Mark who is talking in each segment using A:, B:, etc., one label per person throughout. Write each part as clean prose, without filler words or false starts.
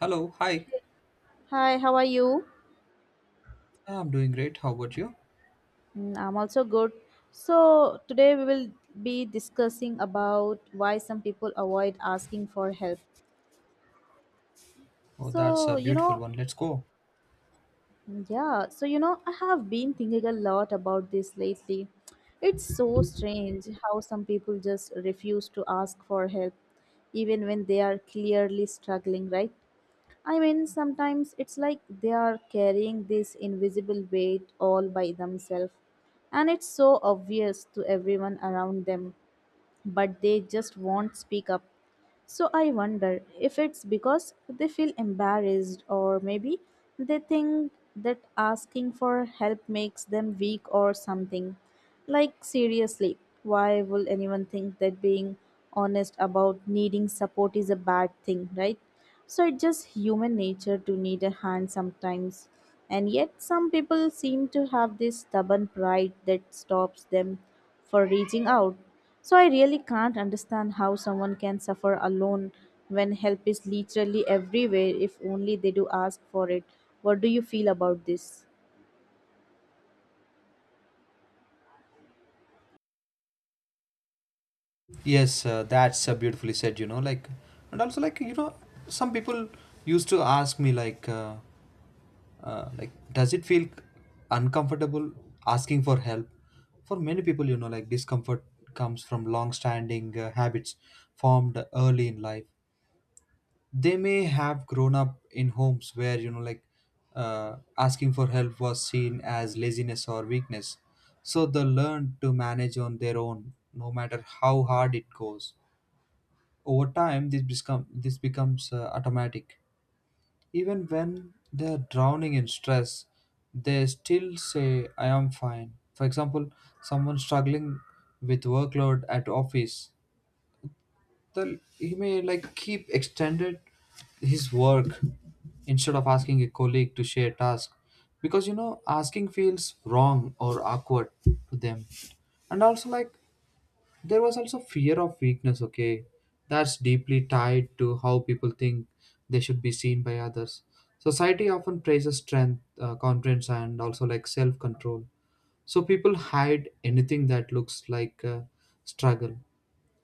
A: Hello, hi.
B: Hi, how are you?
A: Yeah, I'm doing great. How about you?
B: I'm also good. So today we will be discussing about why some people avoid asking for help.
A: Oh, that's
B: So
A: a
B: you
A: beautiful
B: know,
A: one. Let's go.
B: yeah. I have been thinking a lot about this lately. It's so strange how some people just refuse to ask for help, even when they are clearly struggling, right? I mean, sometimes it's like they are carrying this invisible weight all by themselves, and it's so obvious to everyone around them, but they just won't speak up. So I wonder if it's because they feel embarrassed, or maybe they think that asking for help makes them weak or something. Like, seriously, why will anyone think that being honest about needing support is a bad thing, right? So, it's just human nature to need a hand sometimes. And yet, some people seem to have this stubborn pride that stops them for reaching out. So, I really can't understand how someone can suffer alone when help is literally everywhere if only they do ask for it. What do you feel about this?
A: Yes, that's beautifully said, and also, some people used to ask me, does it feel uncomfortable asking for help? For many people, discomfort comes from long standing habits formed early in life. They may have grown up in homes where asking for help was seen as laziness or weakness, so they learn to manage on their own no matter how hard it goes. Over time, this becomes automatic. Even when they are drowning in stress, they still say I am fine. For example, someone struggling with workload at office, the he may like keep extended his work instead of asking a colleague to share task, because asking feels wrong or awkward to them. And also, like, there was also fear of weakness, okay? That's deeply tied to how people think they should be seen by others. Society often praises strength, confidence, and also, like, self control. So people hide anything that looks like a struggle.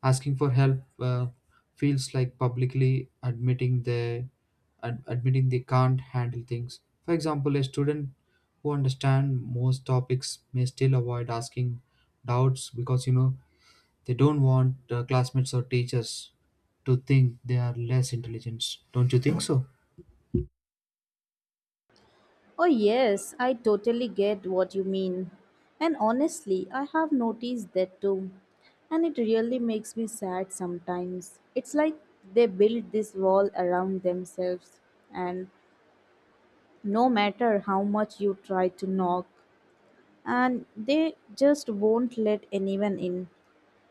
A: Asking for help feels like publicly admitting they admitting they can't handle things. For example, a student who understands most topics may still avoid asking doubts, because they don't want classmates or teachers to think they are less intelligent. Don't you think so?
B: Oh, yes, I totally get what you mean. And honestly, I have noticed that too. And it really makes me sad sometimes. It's like they build this wall around themselves, and no matter how much you try to knock, and they just won't let anyone in.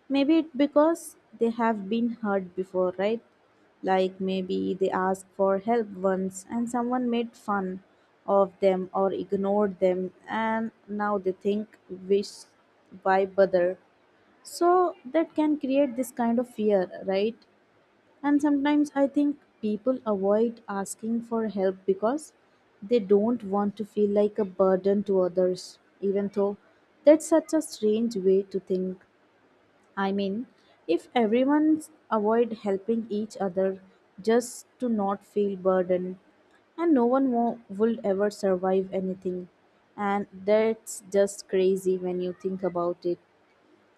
B: Maybe it's because they have been hurt before, right? Like maybe they asked for help once and someone made fun of them or ignored them, and now they think, wish, why bother? So that can create this kind of fear, right? And sometimes I think people avoid asking for help because they don't want to feel like a burden to others, even though that's such a strange way to think. I mean, if everyone avoid helping each other just to not feel burdened, and no one would ever survive anything, and that's just crazy when you think about it.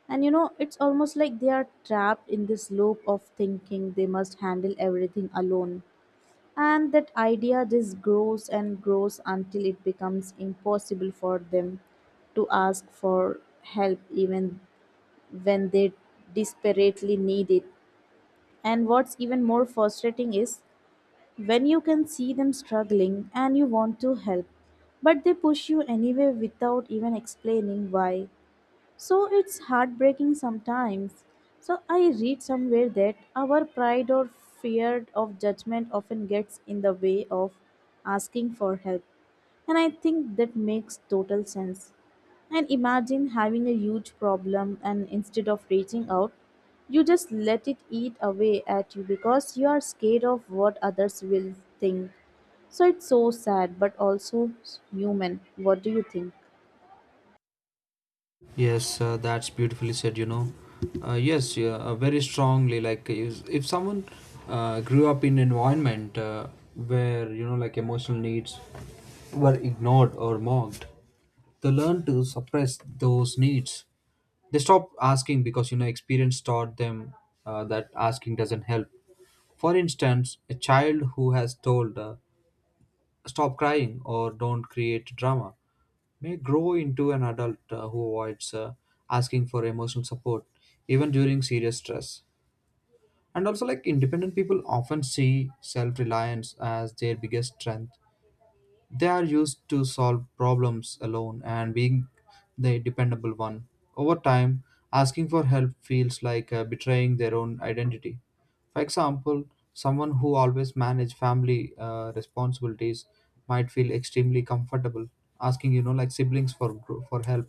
B: And you know, it's almost like they are trapped in this loop of thinking they must handle everything alone. And that idea just grows and grows until it becomes impossible for them to ask for help even when they desperately need it. And what's even more frustrating is when you can see them struggling and you want to help, but they push you anyway without even explaining why. So it's heartbreaking sometimes. So I read somewhere that our pride or fear of judgment often gets in the way of asking for help. And I think that makes total sense. And imagine having a huge problem, and instead of reaching out, you just let it eat away at you because you are scared of what others will think. So it's so sad, but also human. What do you think?
A: Yes, that's beautifully said, you know. Yes, very strongly. Like, if someone grew up in an environment where, emotional needs were ignored or mocked, they learn to suppress those needs. They stop asking because, you know, experience taught them that asking doesn't help. For instance, a child who has told, stop crying or don't create drama, may grow into an adult who avoids asking for emotional support even during serious stress. And also, like, independent people often see self-reliance as their biggest strength. They are used to solve problems alone and being the dependable one. Over time, asking for help feels like betraying their own identity. For example, someone who always manage family responsibilities might feel extremely comfortable asking, siblings for for help,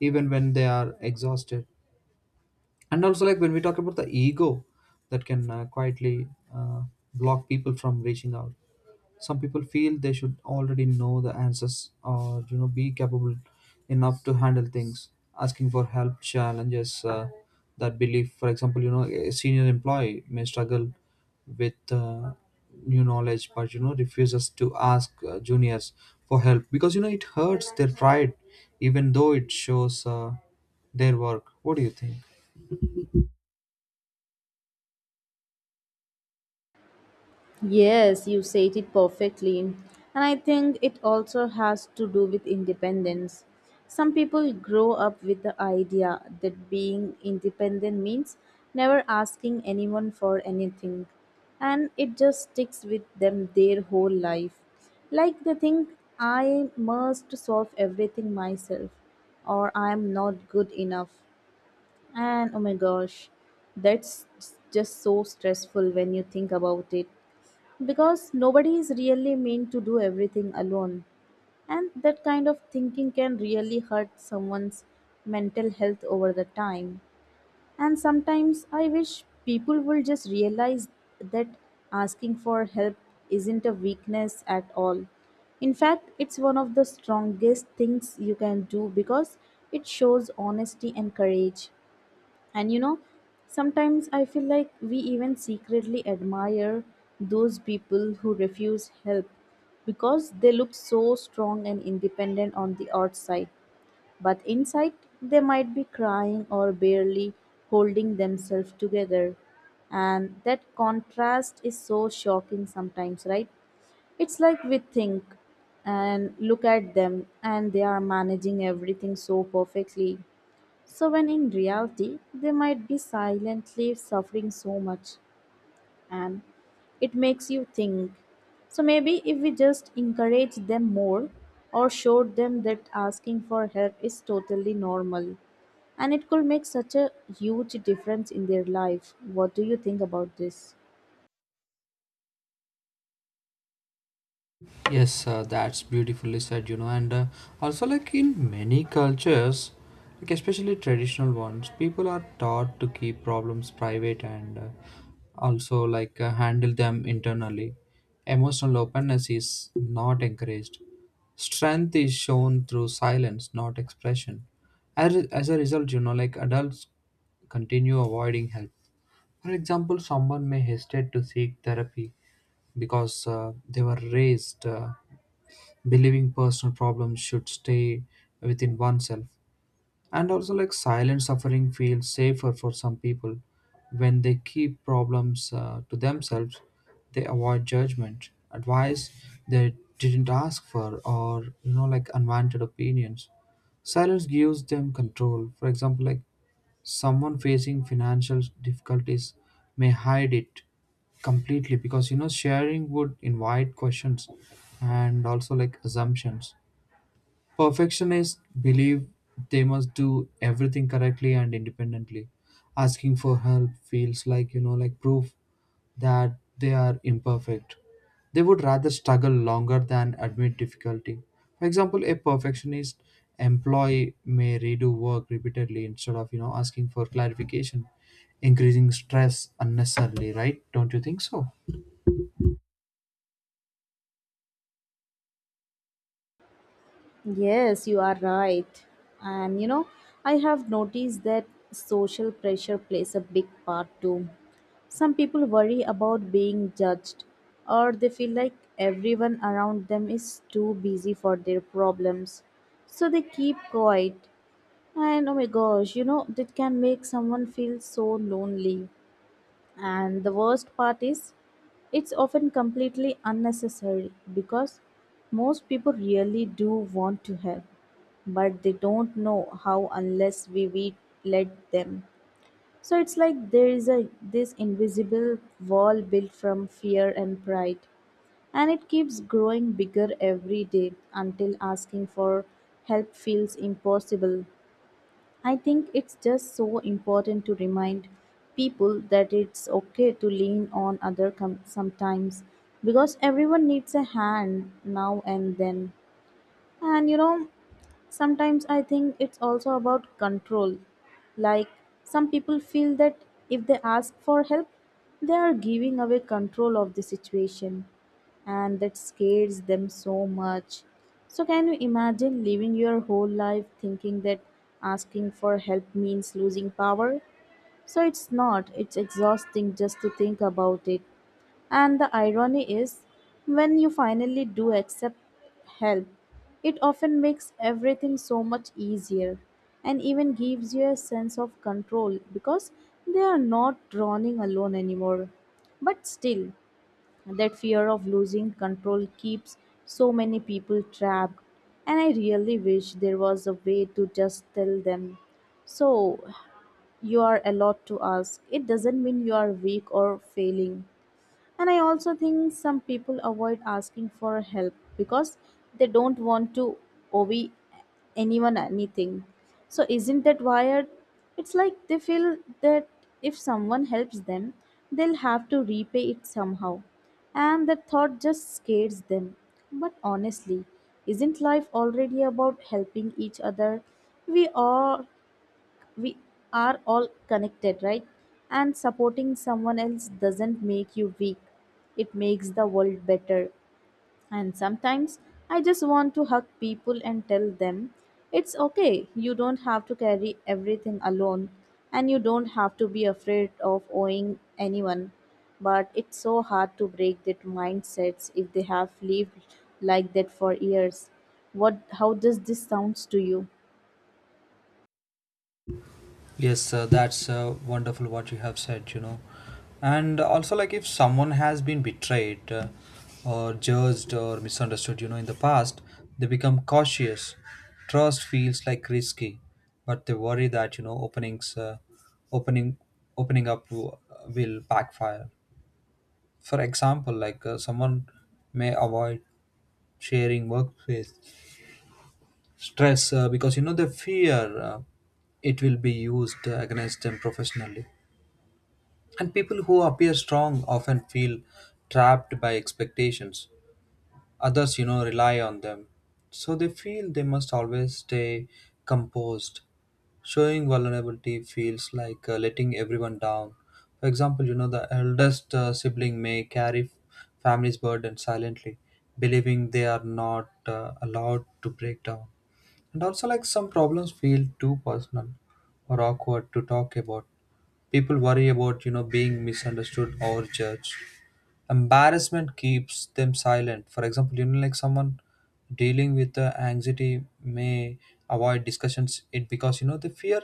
A: even when they are exhausted. And also, like, when we talk about the ego, that can quietly uh, block people from reaching out. Some people feel they should already know the answers, or be capable enough to handle things. Asking for help challenges that belief. For example, a senior employee may struggle with new knowledge, but refuses to ask juniors for help, because it hurts their pride, even though it shows their work. What do you think?
B: Yes, you said it perfectly. And I think it also has to do with independence. Some people grow up with the idea that being independent means never asking anyone for anything. And it just sticks with them their whole life. Like they think, I must solve everything myself, or I am not good enough. And oh my gosh, that's just so stressful when you think about it because nobody is really meant to do everything alone, and that kind of thinking can really hurt someone's mental health over the time. And sometimes I wish people will just realize that asking for help isn't a weakness at all. In fact, it's one of the strongest things you can do because it shows honesty and courage. And you know, sometimes I feel like we even secretly admire those people who refuse help because they look so strong and independent on the outside, but inside they might be crying or barely holding themselves together. And that contrast is so shocking sometimes, right? It's like we think and look at them and they are managing everything so perfectly so, when in reality, they might be silently suffering so much, and it makes you think. So, maybe if we just encourage them more or showed them that asking for help is totally normal, and it could make such a huge difference in their life. What do you think about this?
A: Yes, that's beautifully said, you know. And also, like, in many cultures, like especially traditional ones, people are taught to keep problems private, and also, handle them internally. Emotional openness is not encouraged. Strength is shown through silence, not expression. As a result, adults continue avoiding help. For example, someone may hesitate to seek therapy, because they were raised believing personal problems should stay within oneself. And also, like, silent suffering feels safer for some people. When they keep problems to themselves, they avoid judgment, advice they didn't ask for, or unwanted opinions. Silence gives them control. For example, like, someone facing financial difficulties may hide it completely, because sharing would invite questions and also, like, assumptions. Perfectionists believe they must do everything correctly and independently. Asking for help feels like, proof that they are imperfect. They would rather struggle longer than admit difficulty. For example, a perfectionist employee may redo work repeatedly instead of, you know, asking for clarification, increasing stress unnecessarily, right? Don't you think so?
B: Yes, you are right. And you know, I have noticed that social pressure plays a big part too. Some people worry about being judged, or they feel like everyone around them is too busy for their problems. So they keep quiet. And oh my gosh, you know, that can make someone feel so lonely. And the worst part is, it's often completely unnecessary because most people really do want to help, but they don't know how unless we let them. So it's like there is a this invisible wall built from fear and pride, and it keeps growing bigger every day until asking for help feels impossible. I think it's just so important to remind people that it's okay to lean on other sometimes because everyone needs a hand now and then. And you know, sometimes I think it's also about control. Like some people feel that if they ask for help, they are giving away control of the situation and that scares them so much. So, can you imagine living your whole life thinking that asking for help means losing power? So, it's not, it's exhausting just to think about it. And the irony is, when you finally do accept help, it often makes everything so much easier and even gives you a sense of control because they are not drowning alone anymore. But still, that fear of losing control keeps so many people trapped, and I really wish there was a way to just tell them. So, you are allowed to ask. It doesn't mean you are weak or failing. And I also think some people avoid asking for help because they don't want to owe anyone anything. So, isn't that wired? It's like they feel that if someone helps them, they'll have to repay it somehow. And that thought just scares them. But honestly, isn't life already about helping each other? We are we are all connected, right? And supporting someone else doesn't make you weak, it makes the world better. And sometimes I just want to hug people and tell them it's okay, you don't have to carry everything alone, and you don't have to be afraid of owing anyone. But it's so hard to break that mindsets if they have lived like that for years. What How does this sounds to you?
A: Yes, that's wonderful what you have said, you know. And also, like, if someone has been betrayed or judged or misunderstood, you know, in the past, they become cautious. Trust feels like risky, but they worry that, opening, opening up will backfire. For example, someone may avoid sharing workplace stress because, you know, they fear it will be used against them professionally. And people who appear strong often feel trapped by expectations. Others, you know, rely on them. So they feel they must always stay composed. Showing vulnerability feels like letting everyone down. For example, you know, the eldest sibling may carry family's burden silently, believing they are not allowed to break down. And also, like, some problems feel too personal or awkward to talk about. People worry about, you know, being misunderstood or judged. Embarrassment keeps them silent. For example, someone dealing with anxiety may avoid discussions it, because they fear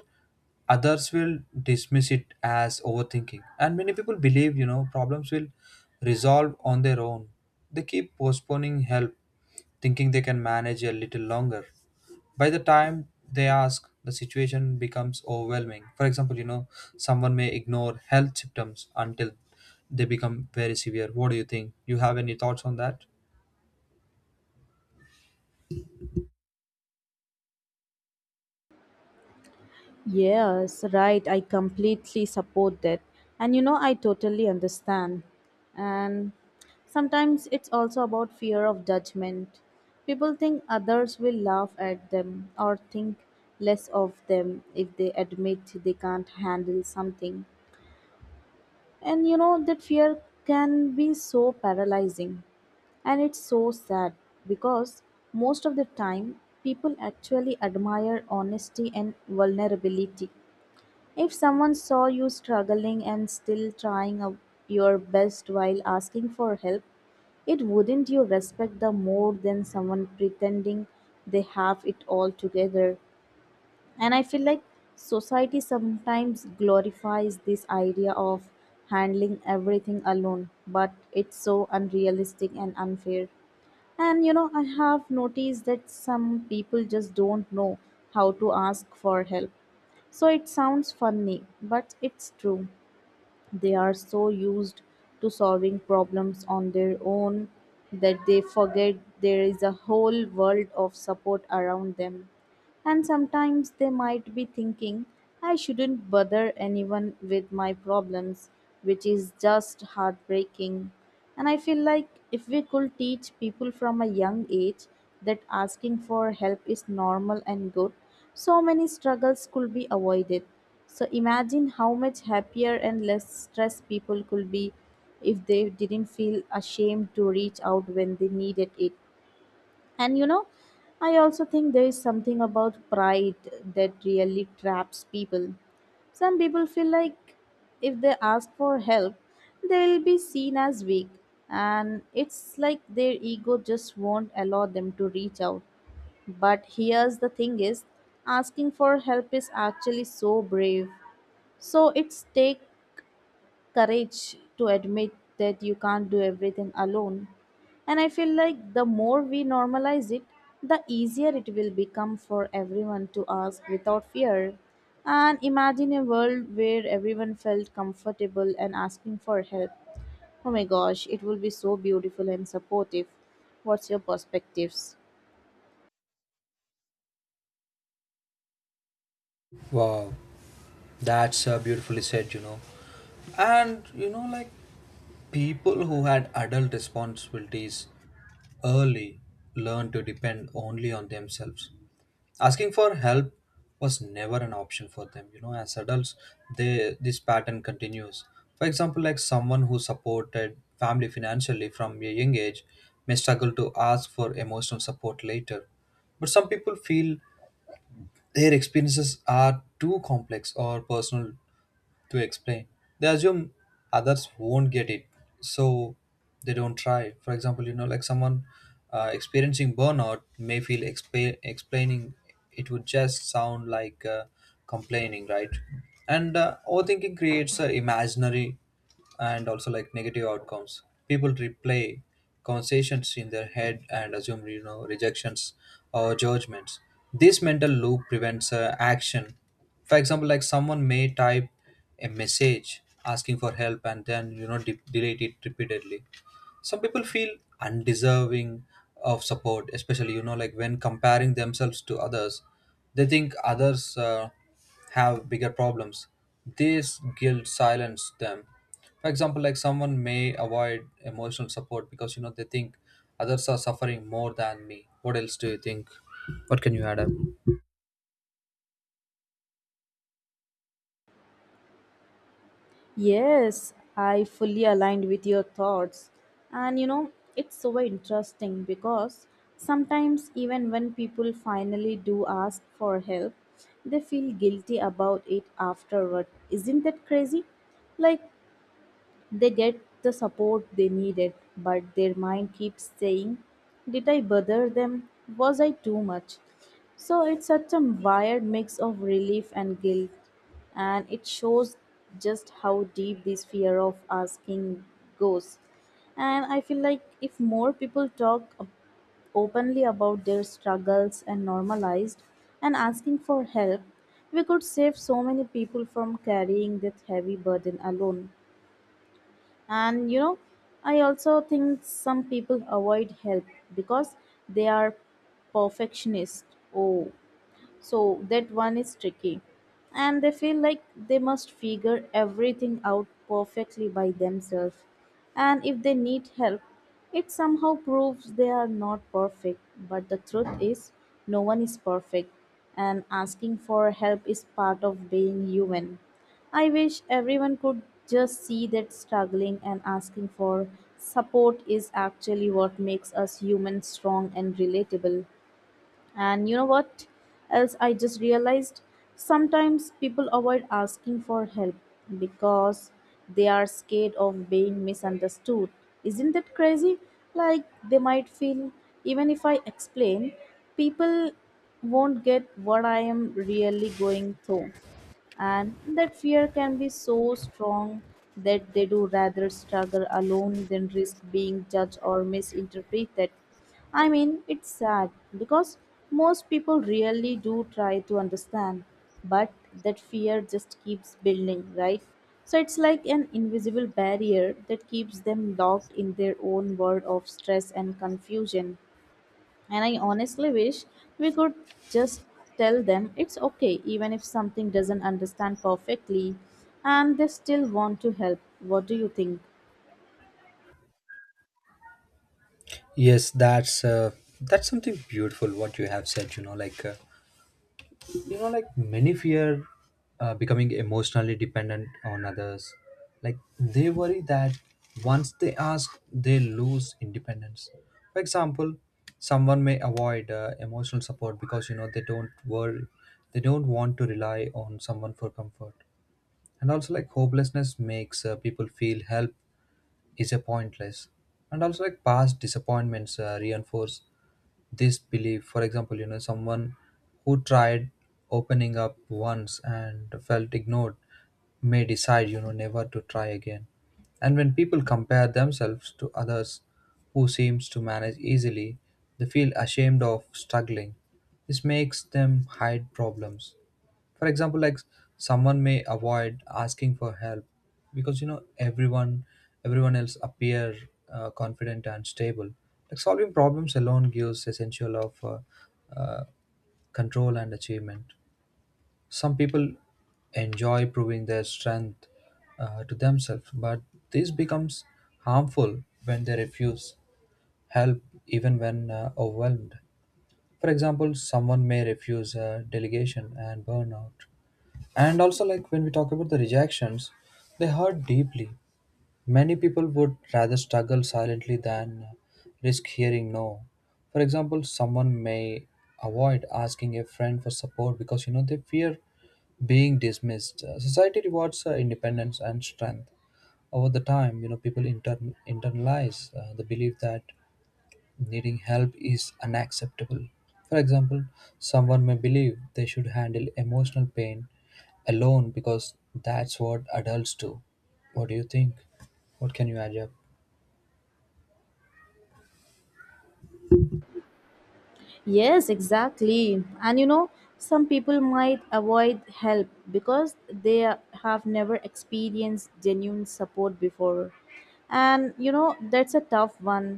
A: others will dismiss it as overthinking. And many people believe, problems will resolve on their own. They keep postponing help, thinking they can manage a little longer. By the time they ask, the situation becomes overwhelming. For example, you know, someone may ignore health symptoms until they become very severe. What do you think? You have any thoughts on that?
B: Yes, right. I completely support that. And you know, I totally understand. And sometimes it's also about fear of judgment. People think others will laugh at them or think less of them if they admit they can't handle something. And you know, that fear can be so paralyzing. And it's so sad because most of the time people actually admire honesty and vulnerability. If someone saw you struggling and still trying your best while asking for help, it wouldn't you respect them more than someone pretending they have it all together. And I feel like society sometimes glorifies this idea of handling everything alone, but it's so unrealistic and unfair. And you know, I have noticed that some people just don't know how to ask for help, so it sounds funny, but it's true. They are so used to solving problems on their own that they forget there is a whole world of support around them. And sometimes they might be thinking, I shouldn't bother anyone with my problems, which is just heartbreaking. And I feel like if we could teach people from a young age that asking for help is normal and good, so many struggles could be avoided. So imagine how much happier and less stressed people could be if they didn't feel ashamed to reach out when they needed it. And you know, I also think there is something about pride that really traps people. Some people feel like if they ask for help, they'll be seen as weak, and it's like their ego just won't allow them to reach out. But here's the thing is asking for help is actually so brave. So it's take courage to admit that you can't do everything alone. And I feel like the more we normalize it, the easier it will become for everyone to ask without fear. And imagine a world where everyone felt comfortable and asking for help. Oh my gosh, it will be so beautiful and supportive. What's your perspectives?
A: Wow, that's beautifully said, you know. And people who had adult responsibilities early learned to depend only on themselves. Asking for help was never an option for them. You know, as adults, they this pattern continues. For example, like, someone who supported family financially from a young age may struggle to ask for emotional support later. But some people feel their experiences are too complex or personal to explain. They assume others won't get it, so they don't try. For example, someone experiencing burnout may feel explaining it would just sound like complaining, right? And overthinking creates imaginary and also, like, negative outcomes. People replay conversations in their head and assume, rejections or judgments. This mental loop prevents action. For example, like, someone may type a message asking for help, and then, delete it repeatedly. Some people feel undeserving of support, especially, when comparing themselves to others. They think others have bigger problems. This guilt silence them. For example, like, someone may avoid emotional support, because they think others are suffering more than me. What else do you think? What can you add up?
B: Yes, I fully aligned with your thoughts. And you know, it's so interesting because sometimes, even when people finally do ask for help, they feel guilty about it afterward. Isn't that crazy? Like, they get the support they needed, but their mind keeps saying, did I bother them? Was I too much? So it's such a wired mix of relief and guilt, and it shows just how deep this fear of asking goes. And I feel like if more people openly about their struggles and normalized and asking for help, we could save so many people from carrying that heavy burden alone. And you know, I also think some people avoid help because they are perfectionist. Oh, so that one is tricky. And they feel like they must figure everything out perfectly by themselves, and if they need help, it somehow proves they are not perfect. But the truth is, no one is perfect, and asking for help is part of being human. I wish everyone could just see that struggling and asking for support is actually what makes us human, strong and relatable. And you know what else I just realized? Sometimes people avoid asking for help because they are scared of being misunderstood. Isn't that crazy? Like they might feel, even if I explain, people won't get what I am really going through, and that fear can be so strong that they do rather struggle alone than risk being judged or misinterpreted. I mean, it's sad because most people really do try to understand, but that fear just keeps building, right? So it's like an invisible barrier that keeps them locked in their own world of stress and confusion. And I honestly wish we could just tell them it's okay, even if something doesn't understand perfectly and they still want to help. What do you think?
A: Yes, that's something beautiful what you have said. You know, many fear becoming emotionally dependent on others. Like, they worry that once they ask, they lose independence. For example, someone may avoid emotional support, because they don't want to rely on someone for comfort. And also, like, hopelessness makes people feel help is a pointless. And also, like, past disappointments reinforce this belief. For example, someone who tried opening up once and felt ignored may decide, never to try again. And when people compare themselves to others who seems to manage easily, they feel ashamed of struggling. This makes them hide problems. For example, like, someone may avoid asking for help because, everyone else appear confident and stable. Like, solving problems alone gives essential of uh, control and achievement. Some people enjoy proving their strength to themselves, but this becomes harmful when they refuse help even when overwhelmed. For example, someone may refuse a delegation and burn out. And also, like, when we talk about the rejections, they hurt deeply. Many people would rather struggle silently than risk hearing no. For example, someone may avoid asking a friend for support, because they fear being dismissed. Society rewards independence and strength. Over the time, people internalize the belief that needing help is unacceptable. For example, someone may believe they should handle emotional pain alone, because that's what adults do. What do you think? What can you add up?
B: Yes, exactly. And you know, some people might avoid help because have never experienced genuine support before. And you know, that's a tough one.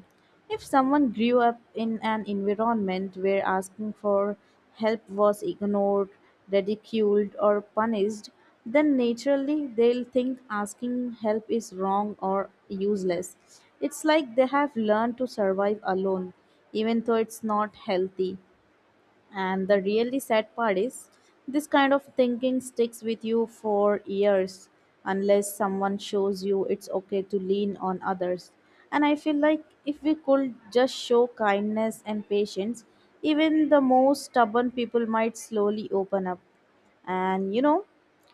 B: If someone grew up in an environment where asking for help was ignored, ridiculed, or punished, then naturally they'll think asking help is wrong or useless. It's like they have learned to survive alone, even though it's not healthy. And the really sad part is, this kind of thinking sticks with you for years unless someone shows you it's okay to lean on others. And I feel like if we could just show kindness and patience, even the most stubborn people might slowly open up. And you know,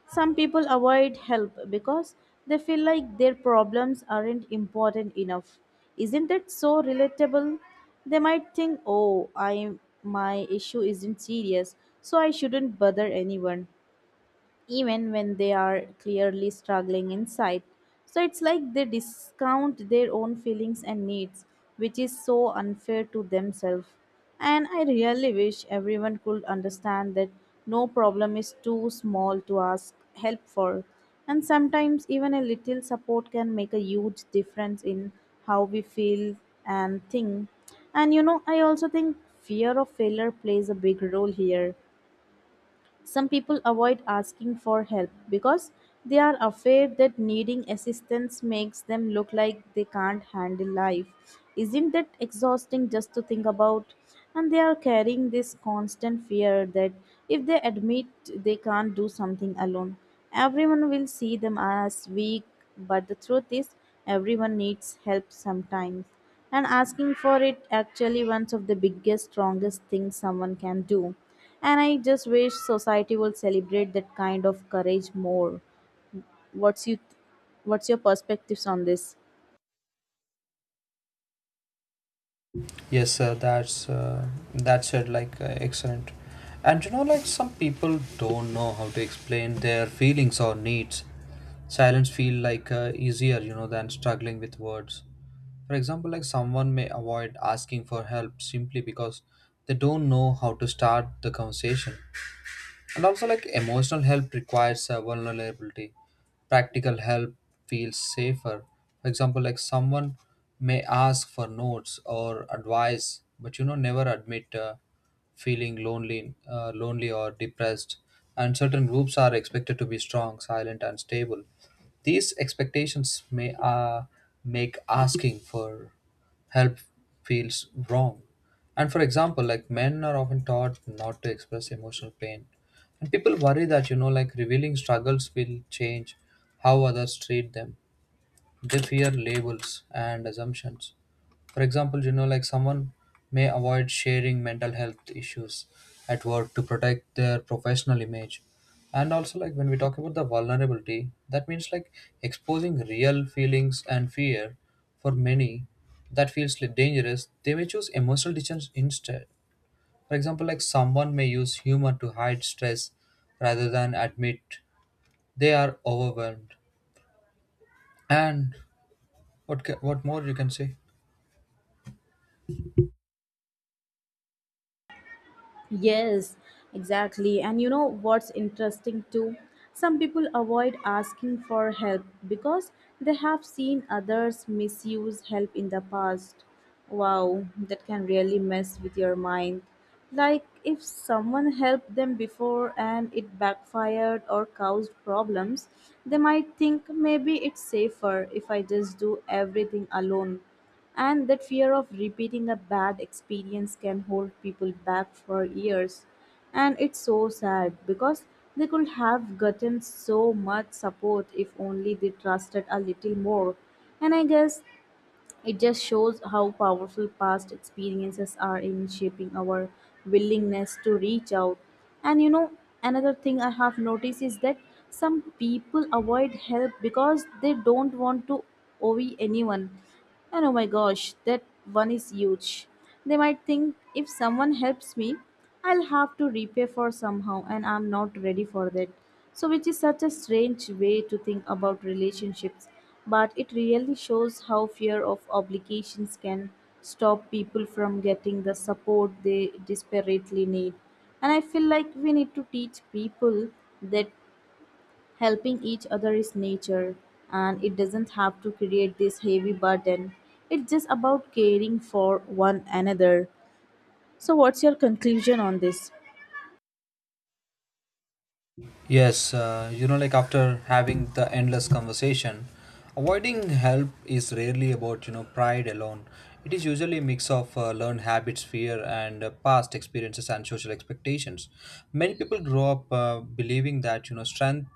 B: some people avoid help because they feel like their problems aren't important enough. Isn't that so relatable? They might think, "Oh, I my issue isn't serious, so I shouldn't bother anyone," even when they are clearly struggling inside. So it's like they discount their own feelings and needs, which is so unfair to themselves. And I really wish everyone could understand that no problem is too small to ask help for. And sometimes even a little support can make a huge difference in how we feel and think. And you know, I also think fear of failure plays a big role here. Some people avoid asking for help because they are afraid that needing assistance makes them look like they can't handle life. Isn't that exhausting just to think about? And they are carrying this constant fear that if they admit they can't do something alone, everyone will see them as weak. But the truth is, everyone needs help sometimes. And asking for it actually one of the biggest, strongest things someone can do. And I just wish society will celebrate that kind of courage more. What's you what's your perspectives on this?
A: Yes, that said, like excellent. And you know, like, some people don't know how to explain their feelings or needs. Silence feel like easier, you know, than struggling with words. For example, like, someone may avoid asking for help simply because they don't know how to start the conversation. And also, like, emotional help requires vulnerability. Practical help feels safer. For example, like, someone may ask for notes or advice, but never admit feeling lonely or depressed. And certain groups are expected to be strong, silent and stable. These expectations may make asking for help feels wrong. And for example, like, men are often taught not to express emotional pain. And people worry that, revealing struggles will change how others treat them. They fear labels and assumptions. For example, someone may avoid sharing mental health issues at work to protect their professional image. And also, like, when we talk about the vulnerability, that means like exposing real feelings and fear. For many, that feels like dangerous. They may choose emotional distance instead. For example, like, someone may use humor to hide stress rather than admit they are overwhelmed. And what more you can say?
B: Yes, exactly. And you know what's interesting too? Some people avoid asking for help because they have seen others misuse help in the past. Wow, that can really mess with your mind. Like if someone helped them before and it backfired or caused problems, they might think maybe it's safer if I just do everything alone. And that fear of repeating a bad experience can hold people back for years. And it's so sad because they could have gotten so much support if only they trusted a little more. And I guess it just shows how powerful past experiences are in shaping our willingness to reach out. And you know, another thing I have noticed is that some people avoid help because they don't want to owe anyone. And oh my gosh, that one is huge. They might think if someone helps me, I'll have to repay for somehow, and I'm not ready for that. So, which is such a strange way to think about relationships, but it really shows how fear of obligations can stop people from getting the support they desperately need. And I feel like we need to teach people that helping each other is nature, and it doesn't have to create this heavy burden. It's just about caring for one another. So, what's your conclusion on this?
A: Yes, you know, like, after having the endless conversation, avoiding help is rarely about, pride alone. It is usually a mix of learned habits, fear, and past experiences and social expectations. Many people grow up believing that, strength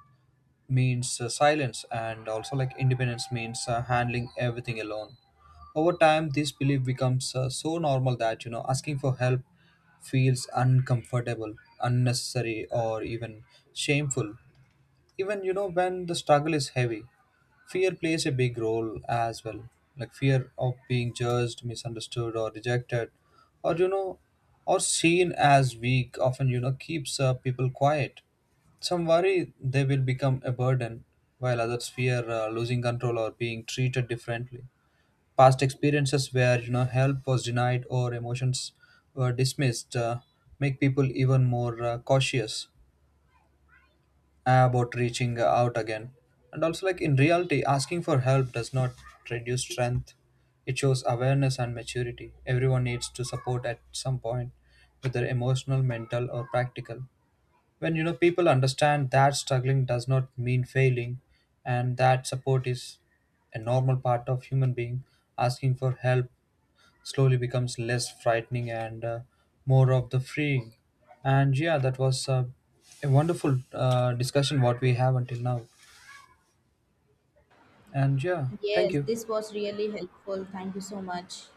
A: means silence, and also, like, independence means handling everything alone. Over time, this belief becomes so normal that, asking for help feels uncomfortable, unnecessary, or even shameful, even, when the struggle is heavy. Fear plays a big role as well, like fear of being judged, misunderstood, or rejected, or, or seen as weak, often, keeps people quiet. Some worry they will become a burden, while others fear losing control or being treated differently. Past experiences where, help was denied or emotions were dismissed, make people even more cautious about reaching out again. And also, like, in reality, asking for help does not reduce strength, it shows awareness and maturity. Everyone needs to support at some point, whether emotional, mental, or practical. When, people understand that struggling does not mean failing, and that support is a normal part of human being, asking for help slowly becomes less frightening and more of the freeing. And yeah, that was a wonderful discussion what we have until now. And yeah, thank
B: Yes,
A: you.
B: this was really helpful. Thank you so much.